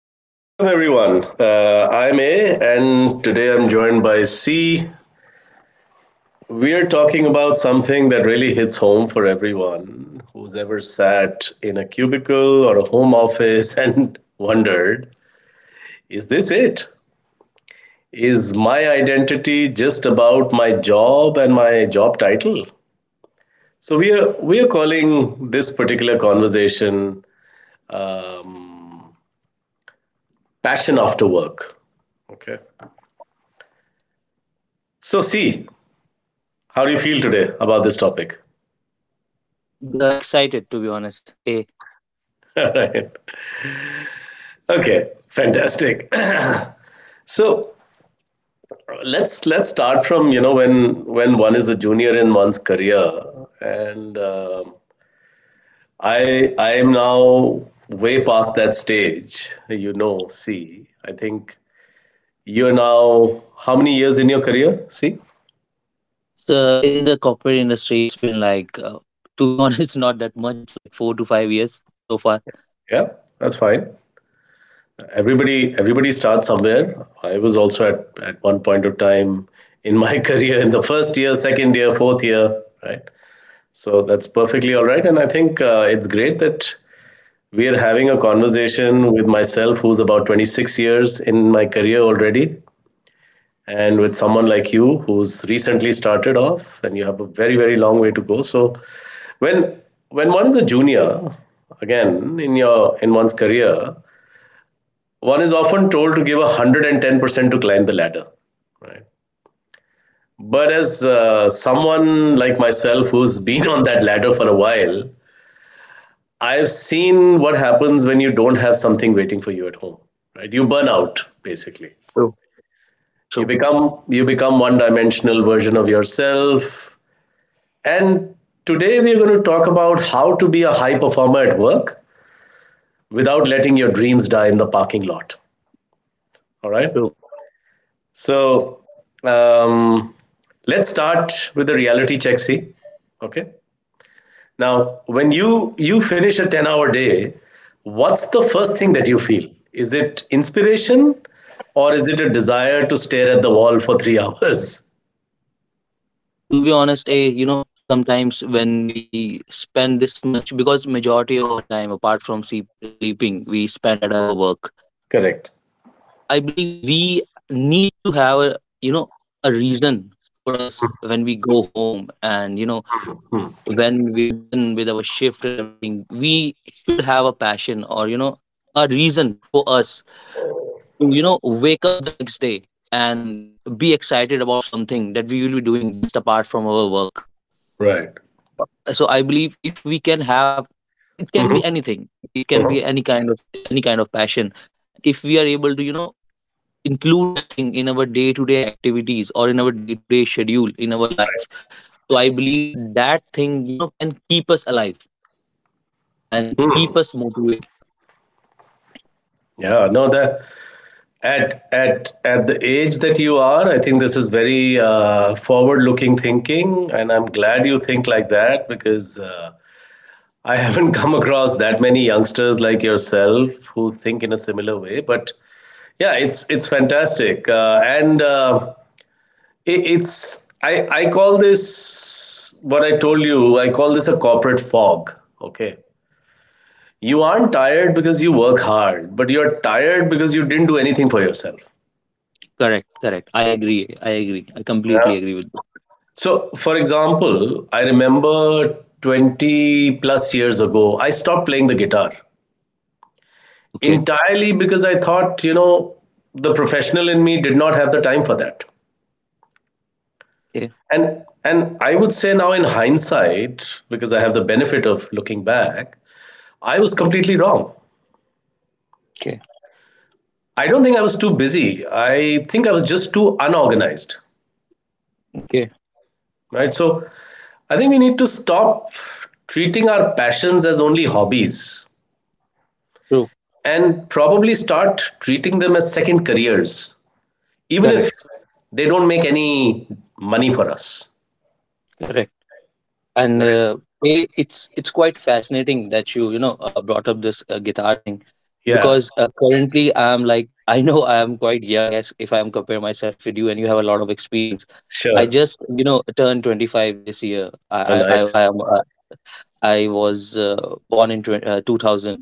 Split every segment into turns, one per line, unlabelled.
Okay, welcome everyone. I'm A, and today I'm joined by C. We're talking about something that really hits home for everyone who's ever sat in a cubicle or a home office and wondered, is this it? Is my identity just about my job and my job title? So we are calling this particular conversation um, passion after work. Okay. So C, how do you feel today about this topic?
Excited to be honest.
All right. Okay, fantastic. So let's start from you know when one is a junior in one's career, and I am now way past that stage. You know, see, I think you're now how many years in your career? See,
So in the corporate industry, it's been like, to be honest, not that much. It's like 4 to 5 years so far.
yeah, that's fine. Everybody starts somewhere. I was also at one point of time in my career in the first year, second year, fourth year, right? So that's perfectly all right. And I think it's great that we are having a conversation with myself, who's about 26 years in my career already, and with someone like you, who's recently started off, and you have a very, very long way to go. So when when one is a junior, again in your in one's career, one is often told to give 110% to climb the ladder, right? But as someone like myself who's been on that ladder for a while, I've seen what happens when you don't have something waiting for you at home, right? You burn out basically.
True, true,
You become one-dimensional version of yourself. And today we are going to talk about how to be a high performer at work without letting your dreams die in the parking lot. All right?
true. Yeah.
So, um, let's start with the reality check, see? Okay? Now, when you finish a 10-hour day, what's the first thing that you feel? Is it inspiration or is it a desire to stare at the wall for 3 hours?
To be honest, you know, sometimes when we spend this much, because majority of our time, apart from sleeping, we spend at our work.
Correct.
So I believe we need to have a, you know, a reason for us when we go home, and
Hmm.
when we are done with our shift and everything, we should have a passion, or a reason for us to wake up the next day and be excited about something that we will be doing, just apart from our work.
Right.
So so I believe, if we can have, it can be
Mhm.
anything, it can
Mhm.
be any kind of, passion. If we are able to, include that thing in our day to day activities or in our day to day schedule in our life, so I believe that thing, you know, can keep us alive and keep
Hmm.
us motivated.
Yeah, no, the At at the age that you are, I think this is very forward-looking thinking, and I'm glad you think like that because I haven't come across that many youngsters like yourself who think in a similar way. But yeah, it's fantastic, and it, it's I call this what I told you. I call this a corporate fog. Okay, you aren't tired because you work hard, but you're tired because you didn't do anything for yourself.
Correct, correct. I agree. I agree. I
Yeah.
completely agree with you.
So, for example, I remember 20 plus years ago, I stopped playing the guitar
Okay,
entirely because I thought, you know, the professional in me did not have the time for that.
okay,
And I would say now in hindsight, because I have the benefit of looking back, I was completely wrong.
okay,
I don't think I was too busy. I think I was just too unorganized.
okay.
Right? So I think we need to stop treating our passions as only hobbies
True.
and probably start treating them as second careers, even if
Correct,
they don't make any money for us.
correct. And
Right?
it's quite fascinating that you know brought up this guitar thing,
Yeah.
because currently I'm like, I know I am quite young, as if I am comparing myself with you, and you have a lot of experience. I
Sure.
just turned 25 this year.
Oh, nice.
I was born in 2000.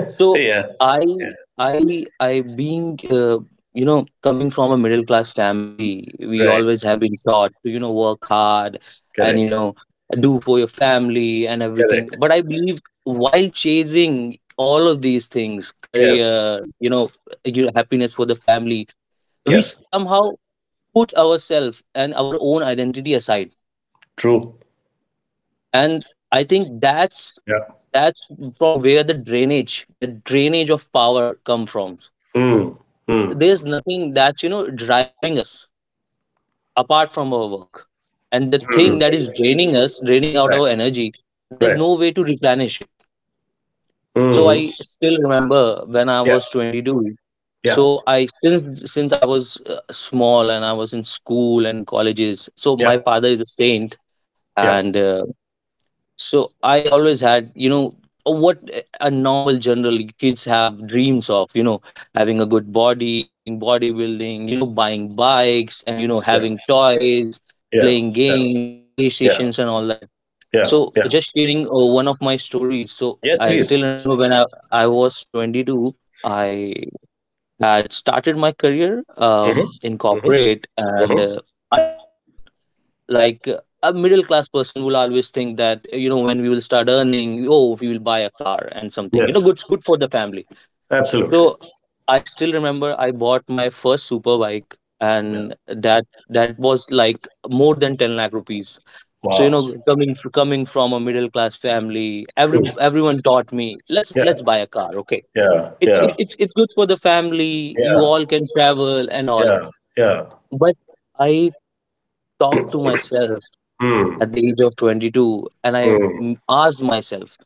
So
Yeah.
I I being, you know, coming from a middle class family, we
Yeah. Right.
always have been taught to work hard, and
Correct.
do for your family and everything.
Correct.
But I believe, while chasing all of these things,
Yes.
career, your happiness for the family, we
Yes.
somehow put ourselves and our own identity aside.
True.
And I think that's
Yeah.
that's from where the drainage of power come from,
Mm.
because there's
Mm.
there's nothing that's driving us apart from our work, and the
Mm.
thing that is draining out
Right.
our energy, there's
Right.
no way to replenish it. So
Mm.
I still remember when I
Yeah.
was 22.
Yeah.
So i since since I was small and I was in school and colleges, so
Yeah.
my father is a saint.
Yeah.
And so I always had, what a normal general kids have dreams of: having a good body, doing bodybuilding, buying bikes, and,
Yeah.
having toys,
Yeah.
playing
Yeah.
games,
Yeah.
PlayStations and all that.
Yeah.
So
Yeah.
just sharing one of my stories. So
Yes,
I
please.
still remember, when I was 22, I had started my career,
Mm-hmm.
in
Mm-hmm.
corporate, and
Mm-hmm.
I thought, like a middle class person will always think that, when we will start earning, oh, we buy a car and something,
Yes.
good for the family. So
Absolutely.
I still remember, I bought my first super bike,
Yeah.
and that was like more than 10 lakh rupees. So,
Wow.
coming from a middle class family,
True.
everyone taught me, let's
Yeah.
buy a car. Okay,
Yeah.
it's
Yeah.
it, it's good for the family, you
Yeah.
all can travel and all.
Yeah. Yeah.
But I talked to myself
Mm.
at the age of 22, and I
Mm.
asked myself,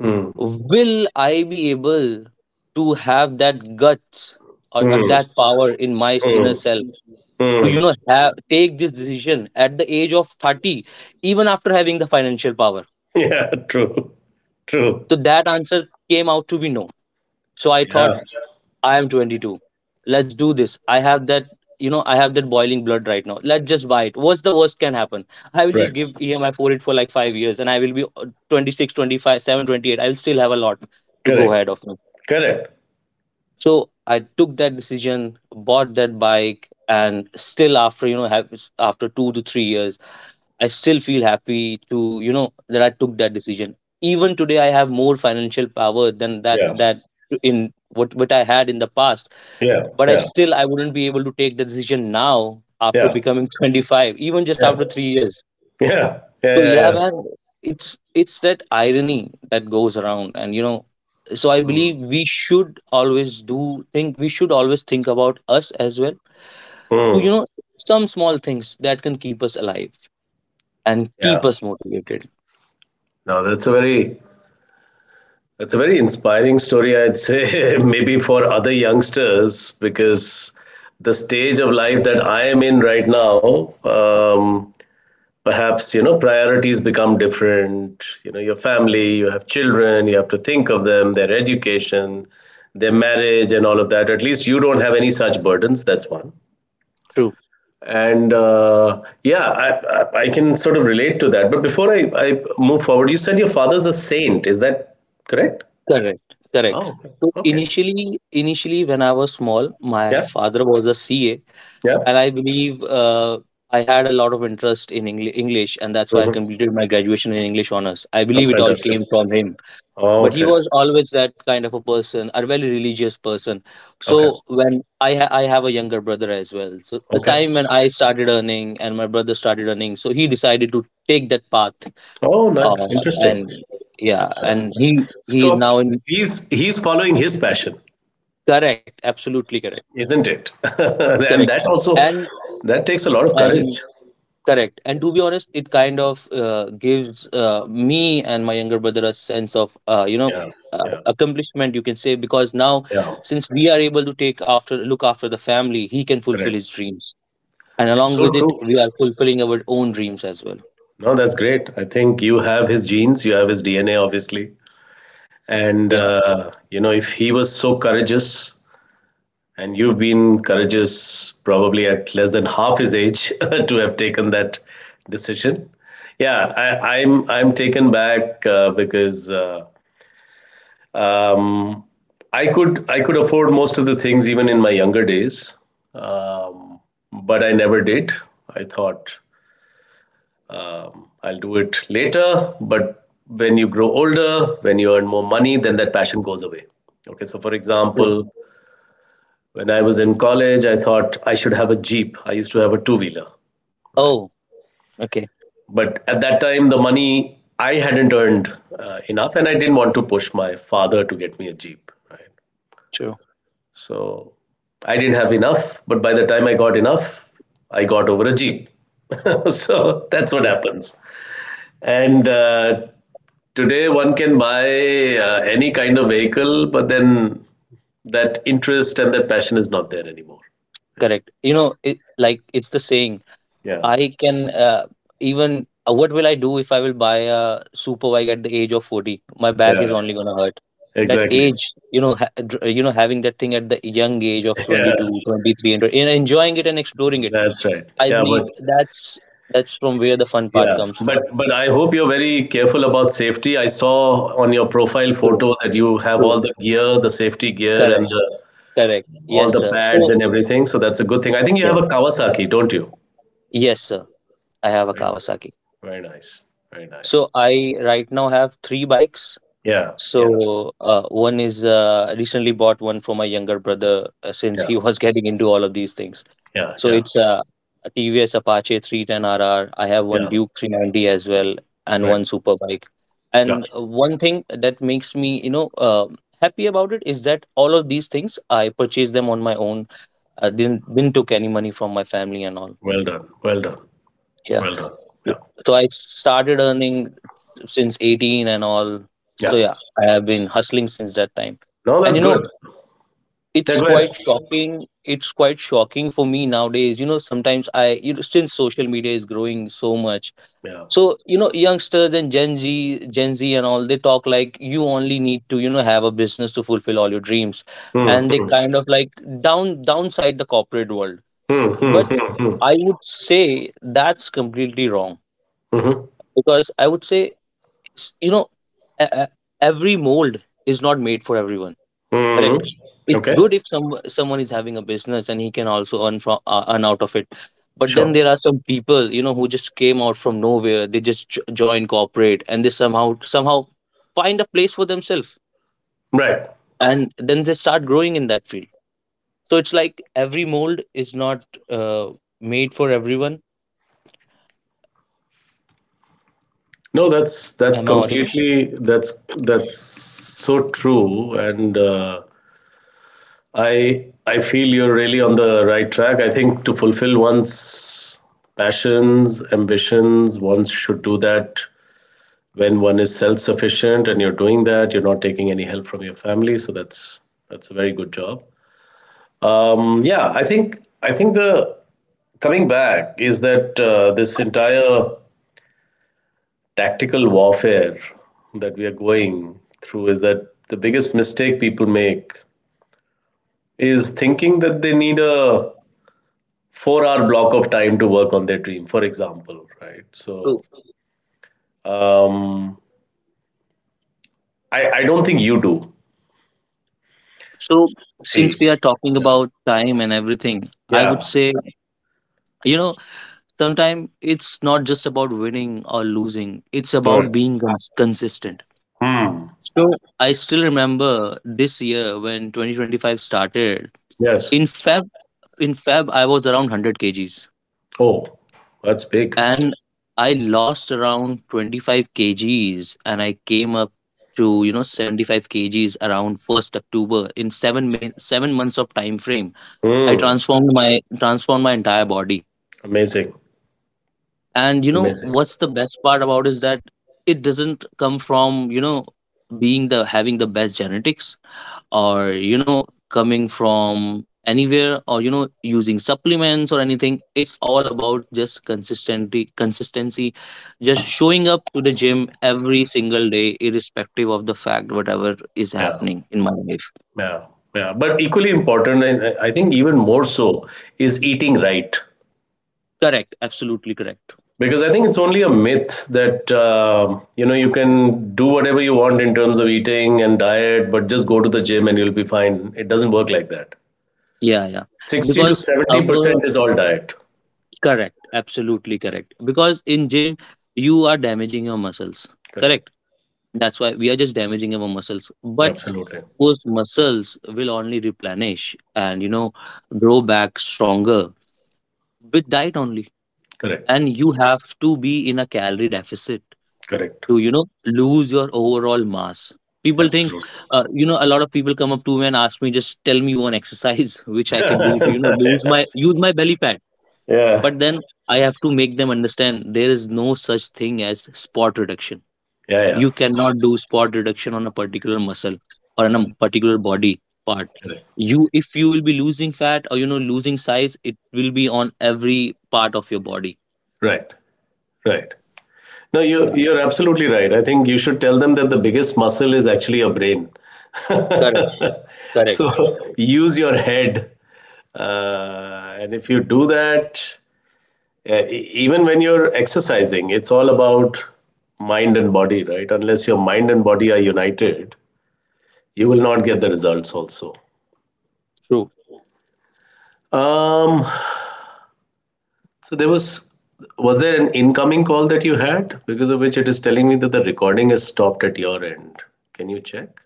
Mm.
will I be able to have that guts, or
Mm.
that power in my
Mm.
inner self to
Mm.
have take this decision at the age of 30, even after having the financial power?
Yeah. True.
So
True.
that answer came out to be no. So I thought,
Yeah.
I am 22. Let's do this. I have that boiling blood right now. Let's just buy it. What's the worst can happen? I will just
Right.
give EMI for it for like 5 years, and I will be 26, 25, seven, 28. I will still have a lot to go
Correct.
ahead of me.
Correct.
So I took that decision, bought that bike, and still, after, after 2 to 3 years, I still feel happy to, that I took that decision. Even today, I have more financial power than that
Yeah.
that in what I had in the past.
Yeah,
But I
yeah,
still I wouldn't be able to take the decision now, after
yeah,
becoming 25, even just
yeah,
after 3 years.
yeah, yeah,
So
yeah,
yeah,
yeah.
man, it's that irony that goes around. And, you know, so I believe we should always think about us as well. To,
Mm,
you know, some small things that can keep us alive and
yeah.
keep us motivated.
No, that's a very That's a very inspiring story, I'd say, maybe for other youngsters, because the stage of life that I am in right now, perhaps you know priorities become different. You know, your family, you have children, you have to think of them, their education, their marriage, and all of that. At least you don't have any such burdens. That's one.
True.
And yeah, I can sort of relate to that, but before I move forward, you said your father's a saint, is that correct?
Correct. Correct.
Oh, okay.
So
Okay.
initially when I was small, my
Yeah.
father was a CA, and
Yeah.
I believe, I had a lot of interest in English, and that's why I
Hmm.
completed my graduation in English honors. I
Oh,
believe it all
fantastic.
came from him.
Oh,
But he
okay.
was always that kind of a person, a very religious person.
Okay.
So when I have a younger brother as well. So the
Okay.
time when I started earning and my brother started earning, so he decided to take that path,
Oh, nice, interesting.
and yeah,
That's nice.
and he is
So
now in —
he's following his passion,
Correct. Absolutely correct.
isn't it? And
Correct.
that also,
And
that takes a lot of
and
courage.
correct. And to be honest, it kind of gives, me and my younger brother a sense of
Yeah. Yeah.
accomplishment, you can say, because now,
Yeah.
since we are able to take after look after the family, he can fulfill
Correct.
his dreams, and along
So
with it,
true.
we are fulfilling our own dreams as well.
No, that's great. I think you have his genes, you have his DNA, obviously. And,
Yeah.
you know, if he was so courageous, and you've been courageous probably at less than half his age to have taken that decision. Yeah, I'm taken back because um, I could afford most of the things even in my younger days, um, but I never did. I thought I'll do it later. But when you grow older, when you earn more money, then that passion goes away. Okay, so for
True.
example, when I was in college, I thought I should have a Jeep. I used to have a two wheeler, right?
Oh. Okay.
But at that time, the money I hadn't earned enough, and I didn't want to push my father to get me a Jeep, right?
True.
So I didn't have enough, but by the time I got enough, I got over a Jeep. So that's what
Yeah.
happens. And today, one can buy any kind of vehicle, but then that interest and that passion is not there anymore. Yeah,
Correct. You know, it, like, it's the saying.
yeah,
I can, even what will I do if I will buy a super bike at the age of 40? My back is
yeah.
only gonna hurt. That
Exactly.
age, you know, having that thing at the young age of twenty
Yeah,
two, 23, and enjoying it and exploring it,
that's right.
I
Yeah,
believe
but
that's from where the fun part
yeah,
comes
but
from.
but I hope you're very careful about safety. I saw on your profile
True,
photo that you have all
true,
the gear, the safety gear, and
correct,
the,
correct.
all
Yes,
the
sir.
pads
So
and everything. So that's a good thing. I think you have
yes,
a Kawasaki, don't you?
yes, sir. I have a
Very,
Kawasaki.
very nice. Very
So
nice.
I right now have three bikes.
Yeah, yeah,
So, one is, recently bought one for my younger brother, since
yeah,
he was getting into all of these things.
yeah,
So
yeah,
it's a TVS Apache 310 RR. I have one
yeah.
Duke 390 as well, and
Right.
one Superbike.
Yeah.
And one thing that makes me, happy about it, is that all of these things I purchased them on my own. I didn't took any money from my family and all.
Well done. Well done.
Yeah.
Well done. Yeah.
So I started earning since 18 and all. So
Yeah.
yeah, I have been hustling since that time.
No, that's
And, you know,
good. Yeah,
it's
go ahead.
quite shocking. It's quite shocking for me nowadays. You know, sometimes, since social media is growing so much.
Yeah.
So, you know, youngsters and Gen Z and all, they talk like, you only need to, have a business to fulfill all your dreams.
Mm,
And they
mm,
kind of like downside the corporate world.
hmm, mm,
But
hmm, mm,
I would say that's completely wrong,
mhm,
because I would say, you know, e- e- every mold is not made for everyone.
mm.
Correct. It's
Okay.
good if someone is having a business and he can also earn out of it. But then
Sure.
there are some people, you know, who just came out from nowhere, they just join corporate, and they somehow find a place for themselves,
Right.
and then they start growing in that field.
No, that's completely that's so true, and I feel you're really on the right track. I think to fulfill one's passions, ambitions, one should do that when one is self-sufficient, and you're doing that, you're not taking any help from your family, so that's a very good job. Yeah, I think I think the coming back is that this entire tactical warfare that we are going through is that the biggest mistake people make is thinking that they need a 4-hour block of time to work on their dream, for example, right? So
True.
um, I don't think you do,
So, since
see.
we are talking
Yeah.
about time and everything, I would
Yeah.
say, you know, sometimes it's not just about winning or losing, it's
All right.
about being consistent.
Hmm.
So, I still remember this year when 2025 started.
Yes.
In Feb, in Feb, I was around 100 kgs,
Oh, that's big.
and I lost around 25 kgs, and I came up to, you know, 75 kgs around 1st October, in 7 months of time frame. I
Hmm.
transformed my entire body.
Amazing.
And you know
Amazing.
what's the best part about is that, it doesn't come from, being the having the best genetics, or, coming from anywhere, or, using supplements or anything. It's all about just consistency, consistency, just showing up to the gym every single day, irrespective of the fact whatever is
Yeah.
happening in my life.
Yeah. Yeah. But equally important, and I think even more so, is eating right.
Correct, absolutely correct.
Because I think it's only a myth that you know you can do whatever you want in terms of eating and diet, but just go to the gym and you'll be fine. It doesn't work like that.
Yeah, yeah.
60 to
Because our —
70% is all diet.
correct. Absolutely correct. Because in gym, you are damaging your muscles.
Correct.
Correct. That's why we are just damaging our muscles. But
Absolutely.
those muscles will only replenish and, grow back stronger with diet only.
Correct.
And you have to be in a calorie deficit
Correct.
to, lose your overall mass. People think. A lot of people come up to me and ask me, just tell me one exercise which I can do to,
Absolutely.
use my belly fat.
Yeah.
But then I have to make them understand there is no such thing as spot reduction.
Yeah, yeah.
You cannot do spot reduction on a particular muscle or on a particular body part.
Correct. Correct.
If you will be losing fat or losing size, it will be on every part of your body.
Right, right. No, you
Yeah,
you're absolutely right. I think you should tell them that the biggest muscle is actually your brain.
correct, correct,
So use your head. And if you do that, even when you're exercising, it's all about mind and body, right? Unless your mind and body are united, you will not get the results also.
true.
Um, So there was there an incoming call that you had because of which it is telling me that the recording is stopped at your end. Can you check?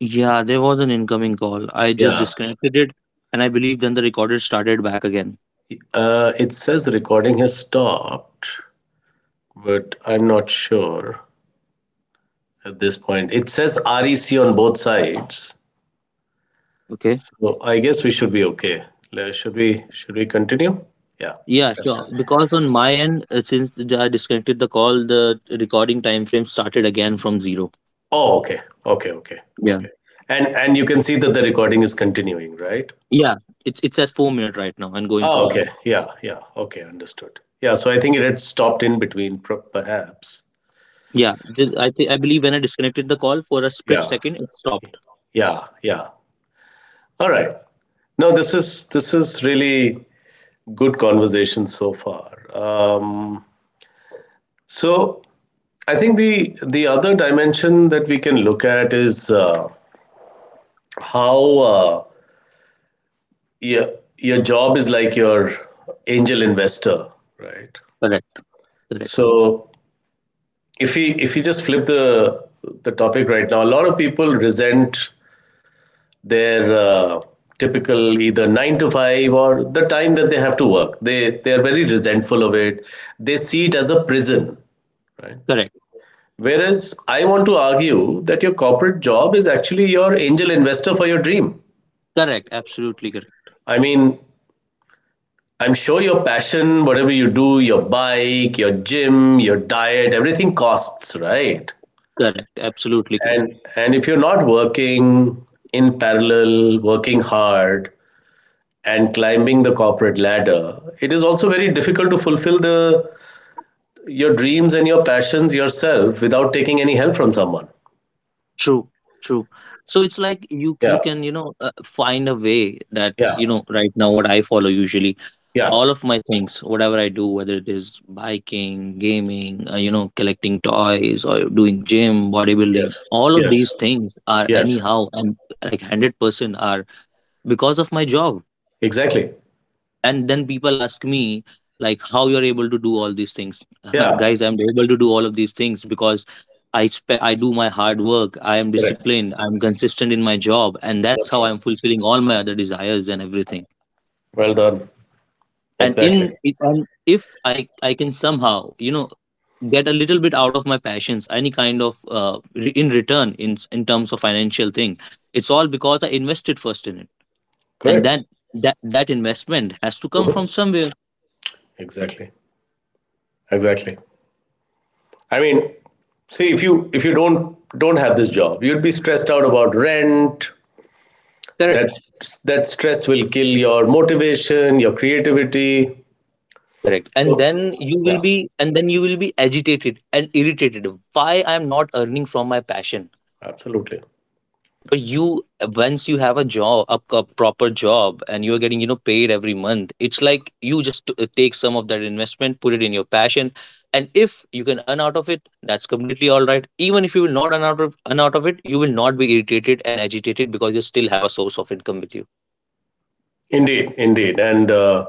Yeah, there was an incoming call. I just
Yeah.
disconnected it, and I believe then the recorder started back again.
It says recording has stopped, but I'm not sure at this point. It says REC on both sides.
Okay.
So I guess we should be okay. Should we, should we continue? Yeah.
Yeah,
That's,
sure. Because on my end, since I disconnected the call, the recording time frame started again from zero.
oh, okay. Okay, okay.
Yeah.
Okay. And you can see that the recording is continuing, right?
Yeah. It's at 4 minute right now and going
Oh,
further.
okay. Yeah, yeah. Okay, understood. Yeah, so I think it had stopped in between, perhaps.
Yeah. I think I believe when I disconnected the call for a split
Yeah,
second, it stopped.
yeah, yeah. All right. No, this is really good conversation so far. So I think the other dimension that we can look at is how your your job is like your angel investor, right?
Correct. Correct.
So if we just flip the topic right now, a lot of people resent their typical either 9 to 5 or the time that they have to work, they are very resentful of it. They see it as a prison, right?
Correct.
Whereas I want to argue that your corporate job is actually your angel investor for your dream.
Correct. Absolutely correct.
I mean, I'm sure your passion, whatever you do, your bike, your gym, your diet, everything costs, right?
Correct. Absolutely correct.
And if you're not working in parallel, working hard and climbing the corporate ladder, it is also very difficult to fulfill the your dreams and your passions yourself without taking any help from someone.
True. True. So it's like you
Yeah,
you can find a way that
yeah,
right now what I follow usually,
yeah,
all of my things, whatever I do, whether it is biking, gaming, collecting toys, or doing gym bodybuilding.
yes,
All of
yes,
these things are,
yes,
anyhow, and like 100% are because of my job.
exactly.
And then people ask me, like, how you're able to do all these things.
Yeah,
Guys, I'm able to do all of these things because I do my hard work, I am
correct.
disciplined, I'm consistent in my job, and that's
That's
how
right.
I'm fulfilling all my other desires and everything.
Well done.
and
Exactly.
in it- and if i I can somehow you know get a little bit out of my passions, any kind of in return, in terms of financial thing, it's all because I invested first in it. And
Correct.
that investment has to come
Mhm.
from somewhere.
Exactly. Exactly. I mean, see, if you, don't have this job, you'd be stressed out about rent. That
Correct.
that stress will kill your motivation, your
Correct.
creativity.
Correct. And
So,
then you will
yeah,
be and then you will be agitated and irritated, why I am not earning from my passion.
absolutely,
But you once you have a job, a proper job, and you're getting, paid every month, it's like you just take some of that investment, put it in your passion. And if you can earn out of it, that's completely all right. Even if you will not earn out of it, you will not be irritated and agitated because you still have a source of income with you.
indeed, indeed, and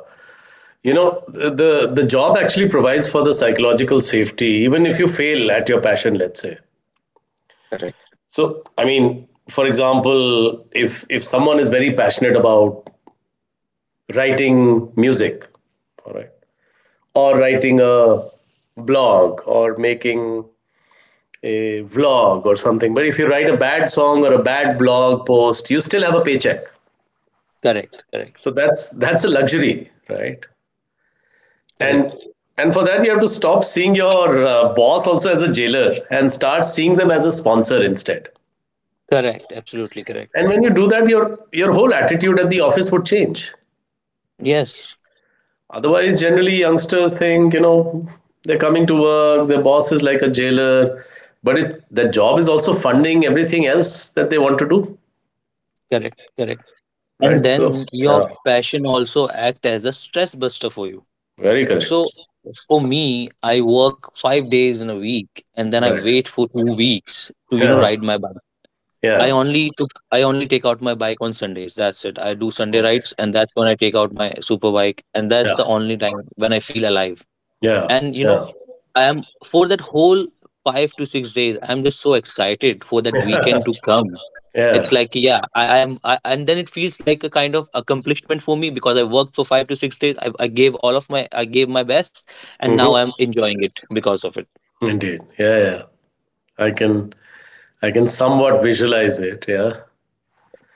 you know, the job actually provides for the psychological safety, even if you fail at your passion, let's say.
Correct.
So, I mean, for example, if someone is very passionate about writing music, all right, or writing a blog, or making a vlog or something, but if you write a bad song or a bad blog post, you still have a paycheck.
Correct. Correct.
So that's a luxury, right?
Correct.
And for that, you have to stop seeing your boss also as a jailer and start seeing them as a sponsor instead.
Correct. Absolutely correct.
And when you do that, your whole attitude at the office would change.
Yes.
Otherwise, generally youngsters think, you know, they're coming to work, their boss is like a jailer, but it's, that job is also funding everything else that they want to do,
Correct. Correct. And
right? So
then your
yeah.
passion also act as a stress buster for you.
Very
So
correct.
for me, I work 5 days in a week, and then I
Right.
wait for 2 weeks to,
Yeah.
ride my bike.
Yeah.
I only take out my bike on Sundays. That's it. I do Sunday
Okay.
rides, and that's when I take out my super bike, and that's
Yeah.
the only time when I feel alive.
Yeah.
And you know,
Yeah.
I am for that whole 5 to 6 days, I'm just so excited for that weekend to come. It's
Yeah.
like, yeah, and then it feels like a kind of accomplishment for me because I worked for 5 to 6 days. I gave my best, and now
Mm-hmm.
I'm enjoying it because of it.
Indeed. Yeah. Yeah. I can. I can somewhat visualize it. Yeah.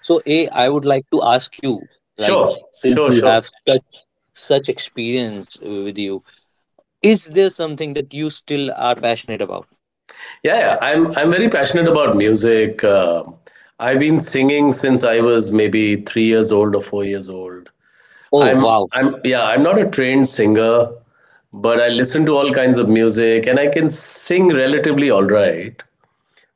So a I would like to ask you, like,
Sure.
since
Sure.
you have
Sure.
such experience with you, is there something that you still are passionate about?
Yeah, yeah. I'm very passionate about music. I've been singing since I was maybe 3 years old or 4 years old.
Oh,
I'm.
wow.
I'm. Yeah. I'm not a trained singer, but I listen to all kinds of music and I can sing relatively all right.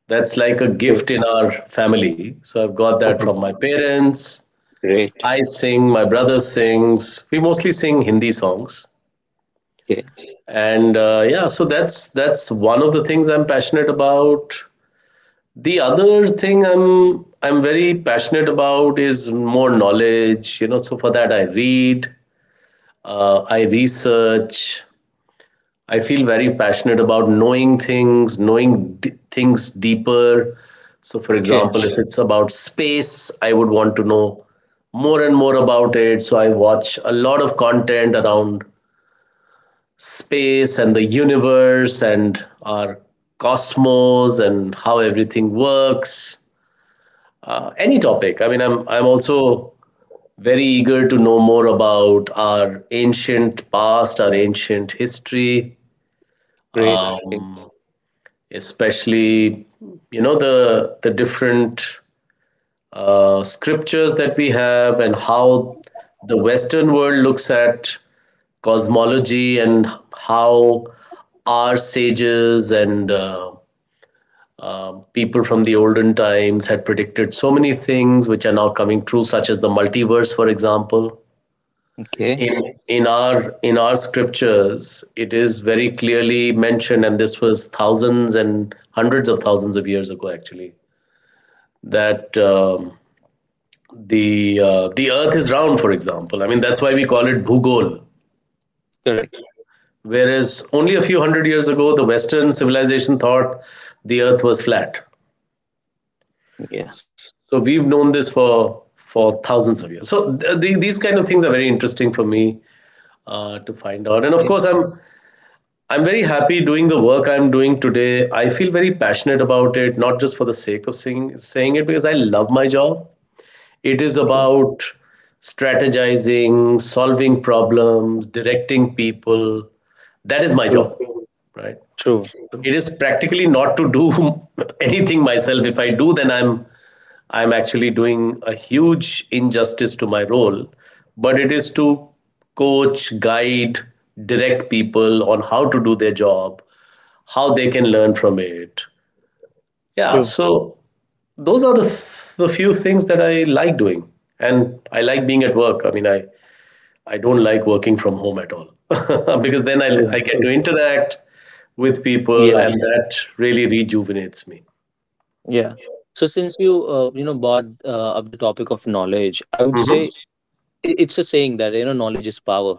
That's like a
Okay.
gift in our family. So I've got that
Oh,
from my parents.
great.
I sing, my brother sings. We mostly sing Hindi songs.
Okay,
And yeah, so that's one of the things I'm passionate about. The other thing I'm very passionate about is more knowledge, you know, so for that I read, I research, I feel very passionate about knowing things, knowing things deeper. So, for
okay.
example, if it's about space, I would want to know more and more about it. So, I watch a lot of content around space and the universe and our cosmos and how everything works. Any topic. I mean, I'm also very eager to know more about our ancient past, our ancient history.
Great.
Uh,
Okay,
especially, you know, the different scriptures that we have, and how the Western world looks at cosmology, and how our sages and people from the olden times had predicted so many things which are now coming true, such as the multiverse, for example.
okay.
In our, scriptures, it is very clearly mentioned, and this was thousands and hundreds of thousands of years ago actually, that the the earth is round, for example. I mean, that's why we call it bhugol.
Correct.
Whereas only a few hundred years ago, the Western civilization thought the earth was flat.
Yeah,
So we've known this for thousands of years. So these kind of things are very interesting for me to find out. And of
yeah.
course, I'm very happy doing the work I'm doing today. I feel very passionate about it, not just for the sake of saying it, because I love my job. It is
Okay.
about strategizing, solving problems, directing people. That is my job,
True,
right?
true.
It
True,
is practically not to do anything myself. If I do, then I'm actually doing a huge injustice to my role. But it is to coach, guide, direct people on how to do their job, how they can learn from it. Yeah. So those are the, few things that I like doing. And I like being at work. I don't like working from home at all because then I
true.
get to
True.
interact with people
Yeah.
and that really rejuvenates me.
Yeah. So since you you know brought up the topic of knowledge, I would say,
Hmm.
it's a saying that, knowledge is power,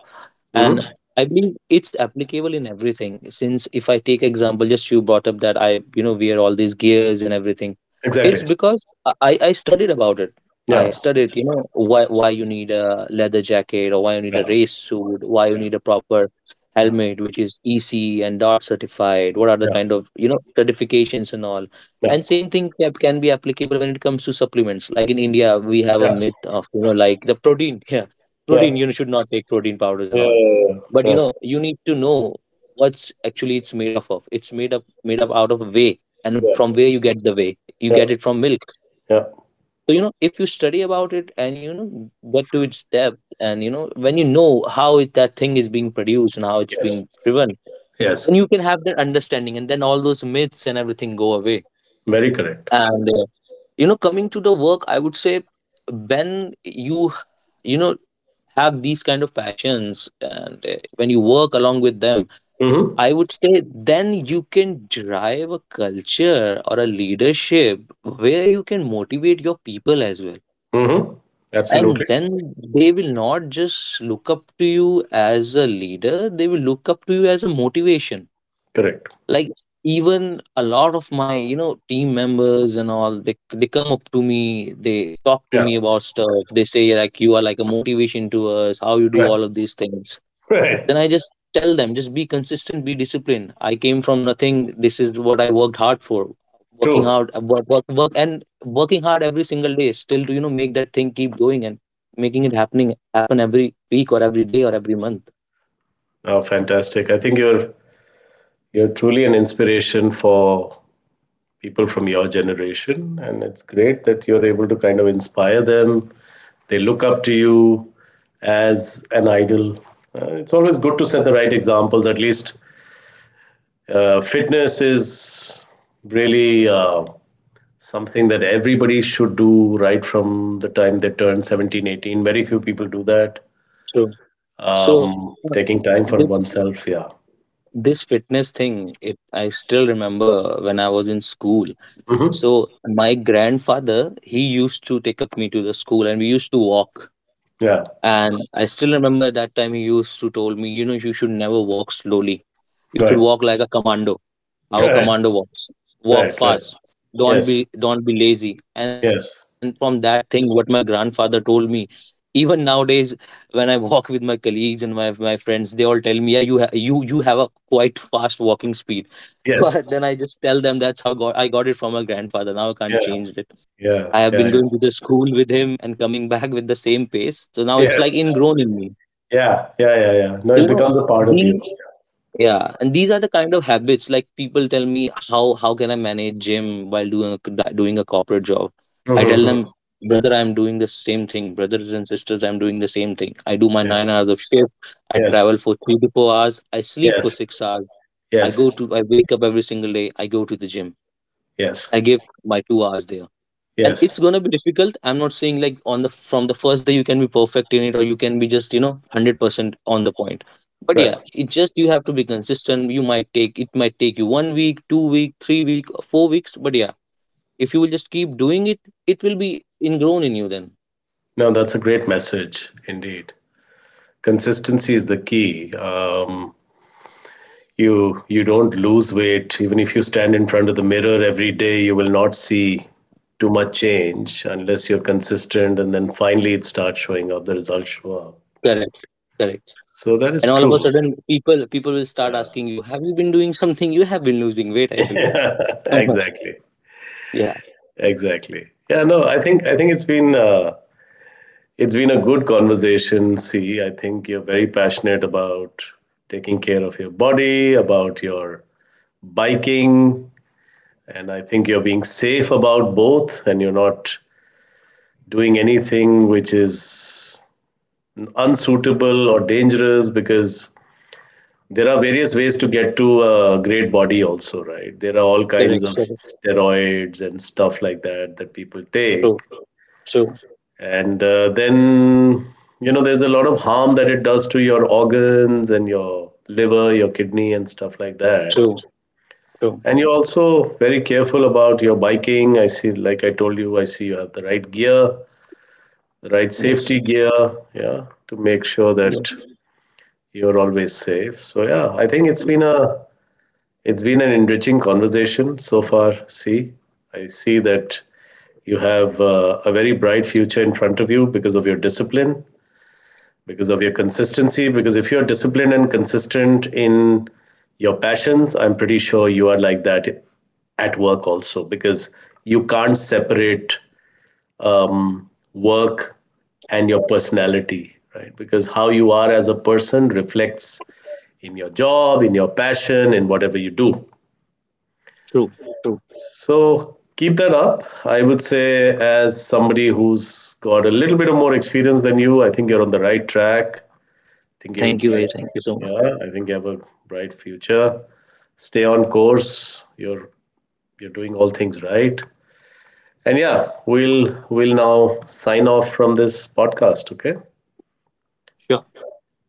Hmm.
and I believe it's applicable in everything. Since if I take example, just you brought up that I, wear all these gears and everything, it's
Exactly.
because I studied about it. I
Yeah.
studied, why you need a leather jacket, or why you need a
Yeah.
race suit, why you
Yeah.
need a proper
Yeah.
helmet which is EC and DART certified. What are the
Yeah.
kind of certifications and all?
Yeah.
And
Yeah.
same thing can be applicable when it comes to supplements. Like in India, we have a
Yeah.
myth of, like, the protein. Yeah,
Yeah.
protein,
Yeah.
you should not take protein powders and all. But, you need to know what's actually it's made of. It's made up out of whey. And from where you get the whey, you
Yeah. Yeah.
get it from milk.
Yeah.
So, if you study about it, and, get to its depth, and, when you know that thing is being produced and how it's
Yes.
being driven,
Yes.
then you can have that understanding, and then all those myths and everything go away.
Very correct.
And coming to the work, I would say, when you you know have these kind of passions, and when you work along with them,
Hmm.
I would say, then you can drive a culture or a leadership where you can motivate your people as well.
Hmm.
And
Absolutely.
then they will not just look up to you as a leader, they will look up to you as a motivation.
Correct.
Like, even a lot of my, team members and all, they come up to me, they talk to
Yeah.
me about stuff. They say, like, you are like a motivation to us, how you do
Right.
all of these things.
Right.
Then I just tell them, just be consistent, be disciplined. I came from nothing. This is what I worked hard for, working
True.
hard, work, work, work, and working hard every single day, still, to, make that thing keep going, and making it happen every week or every day or every month.
Oh, fantastic. I think you're truly an inspiration for people from your generation, and it's great that you're able to kind of inspire them. They look up to you as an idol. It's always good to set the right examples. At least, fitness is really something that everybody should do right from the time they turn 17, 18. Very few people do that.
So so
Taking time for
this
oneself. Yeah.
this fitness thing, it I still remember when I was in school.
Hmm.
So my grandfather, he used to take up me to the school, and we used to walk.
Yeah.
And I still remember, that time he used to told me, you should never walk slowly. You
Right.
should walk like a commando. Our
Right.
commando walks. Walk
Right. Right.
fast. Don't
Yes.
be don't be lazy. And I
Yes.
believe from that thing what my grandfather told me. Even nowadays, when I walk with my colleagues and my friends, they all tell me, "Yeah, you have a quite fast walking speed." So
Yes.
then I just tell them, that's how I got it from my grandfather. Now I can't
Yeah.
change it.
Yeah,
I have
yeah,
been
yeah.
going to the school with him and coming back with the same pace. So now it's like
Yes.
ingrown in me.
Yeah, yeah, yeah, yeah. No,
So,
it
you know,
becomes a part of you.
the yeah, and these are the kind of habits, like, people tell me, how can I manage gym while doing a corporate job. I tell
Mm-hmm. Mm-hmm.
them, brother, I'm doing the same thing. Brothers and sisters, I'm doing the same thing. I do my
Yes,
9 hours of shift. I
yes,
travel for 3 to 4 hours. I sleep for
yes,
6 hours. I
yes,
go to I wake up every single day. I go to the gym.
yes,
I give my 2 hours there. And it's
yes.
going to be difficult. I'm not saying, like, on the from the first day you can be perfect in it, or you can be just, 100% on the point. But yeah,
Right.
it just, you have to be consistent. You might take It might take you 1 week, 2 week, 3 week, 4 weeks. But yeah, if you will just keep doing it, it will be ingrown in you then.
No, that's a great message indeed. Consistency is the key. You don't lose weight even if you stand in front of the mirror every day. You will not see too much change unless you're consistent, and then finally it starts showing up. The results show up.
Correct. Correct.
So that is
And all of a
true.
sudden, people will start asking, you have you been doing something, you have been losing weight, I believe.
Yeah.
Uh-huh.
Exactly.
Yeah.
Exactly. Yeah, no, I think it's been a good conversation. See, I think you're very passionate about taking care of your body, about your biking, and I think you're being safe about both, and you're not doing anything which is unsuitable or dangerous, because there are various ways to get to a great body also, right? There are all kinds
Correct.
of
Correct.
steroids and stuff like that that people take,
True, true.
and then, you know, there's a lot of harm that it does to your organs and your liver, your kidney, and stuff like that.
True, true.
And you're also very careful about your biking. I see, like I told you, I see you have the right gear, the right
Yes,
safety gear, yeah, to make sure that
yes.
you're always safe. So yeah, I think it's been a, it's been an enriching conversation so far. See, I see that you have a very bright future in front of you, because of your discipline, because of your consistency. Because if you're disciplined and consistent in your passions, I'm pretty sure you are like that at work also, because you can't separate work and your personality, right? Because how you are as a person reflects in your job, in your passion, in whatever you do.
True, true.
So keep that up, I would say, as somebody who's got a little bit of more experience than you. I think you're on the right track. Think you
Thank you, A.
like,
Thank you so much.
yeah, I think you have a bright future. Stay on course. You're doing all things right. And yeah, we'll now sign off from this podcast, okay?
Sure.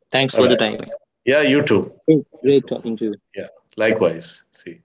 Thanks
All
for the
right.
time. Yeah.
Yeah, you too.
It's
You
great
too.
talking to you.
Yeah. Likewise. See.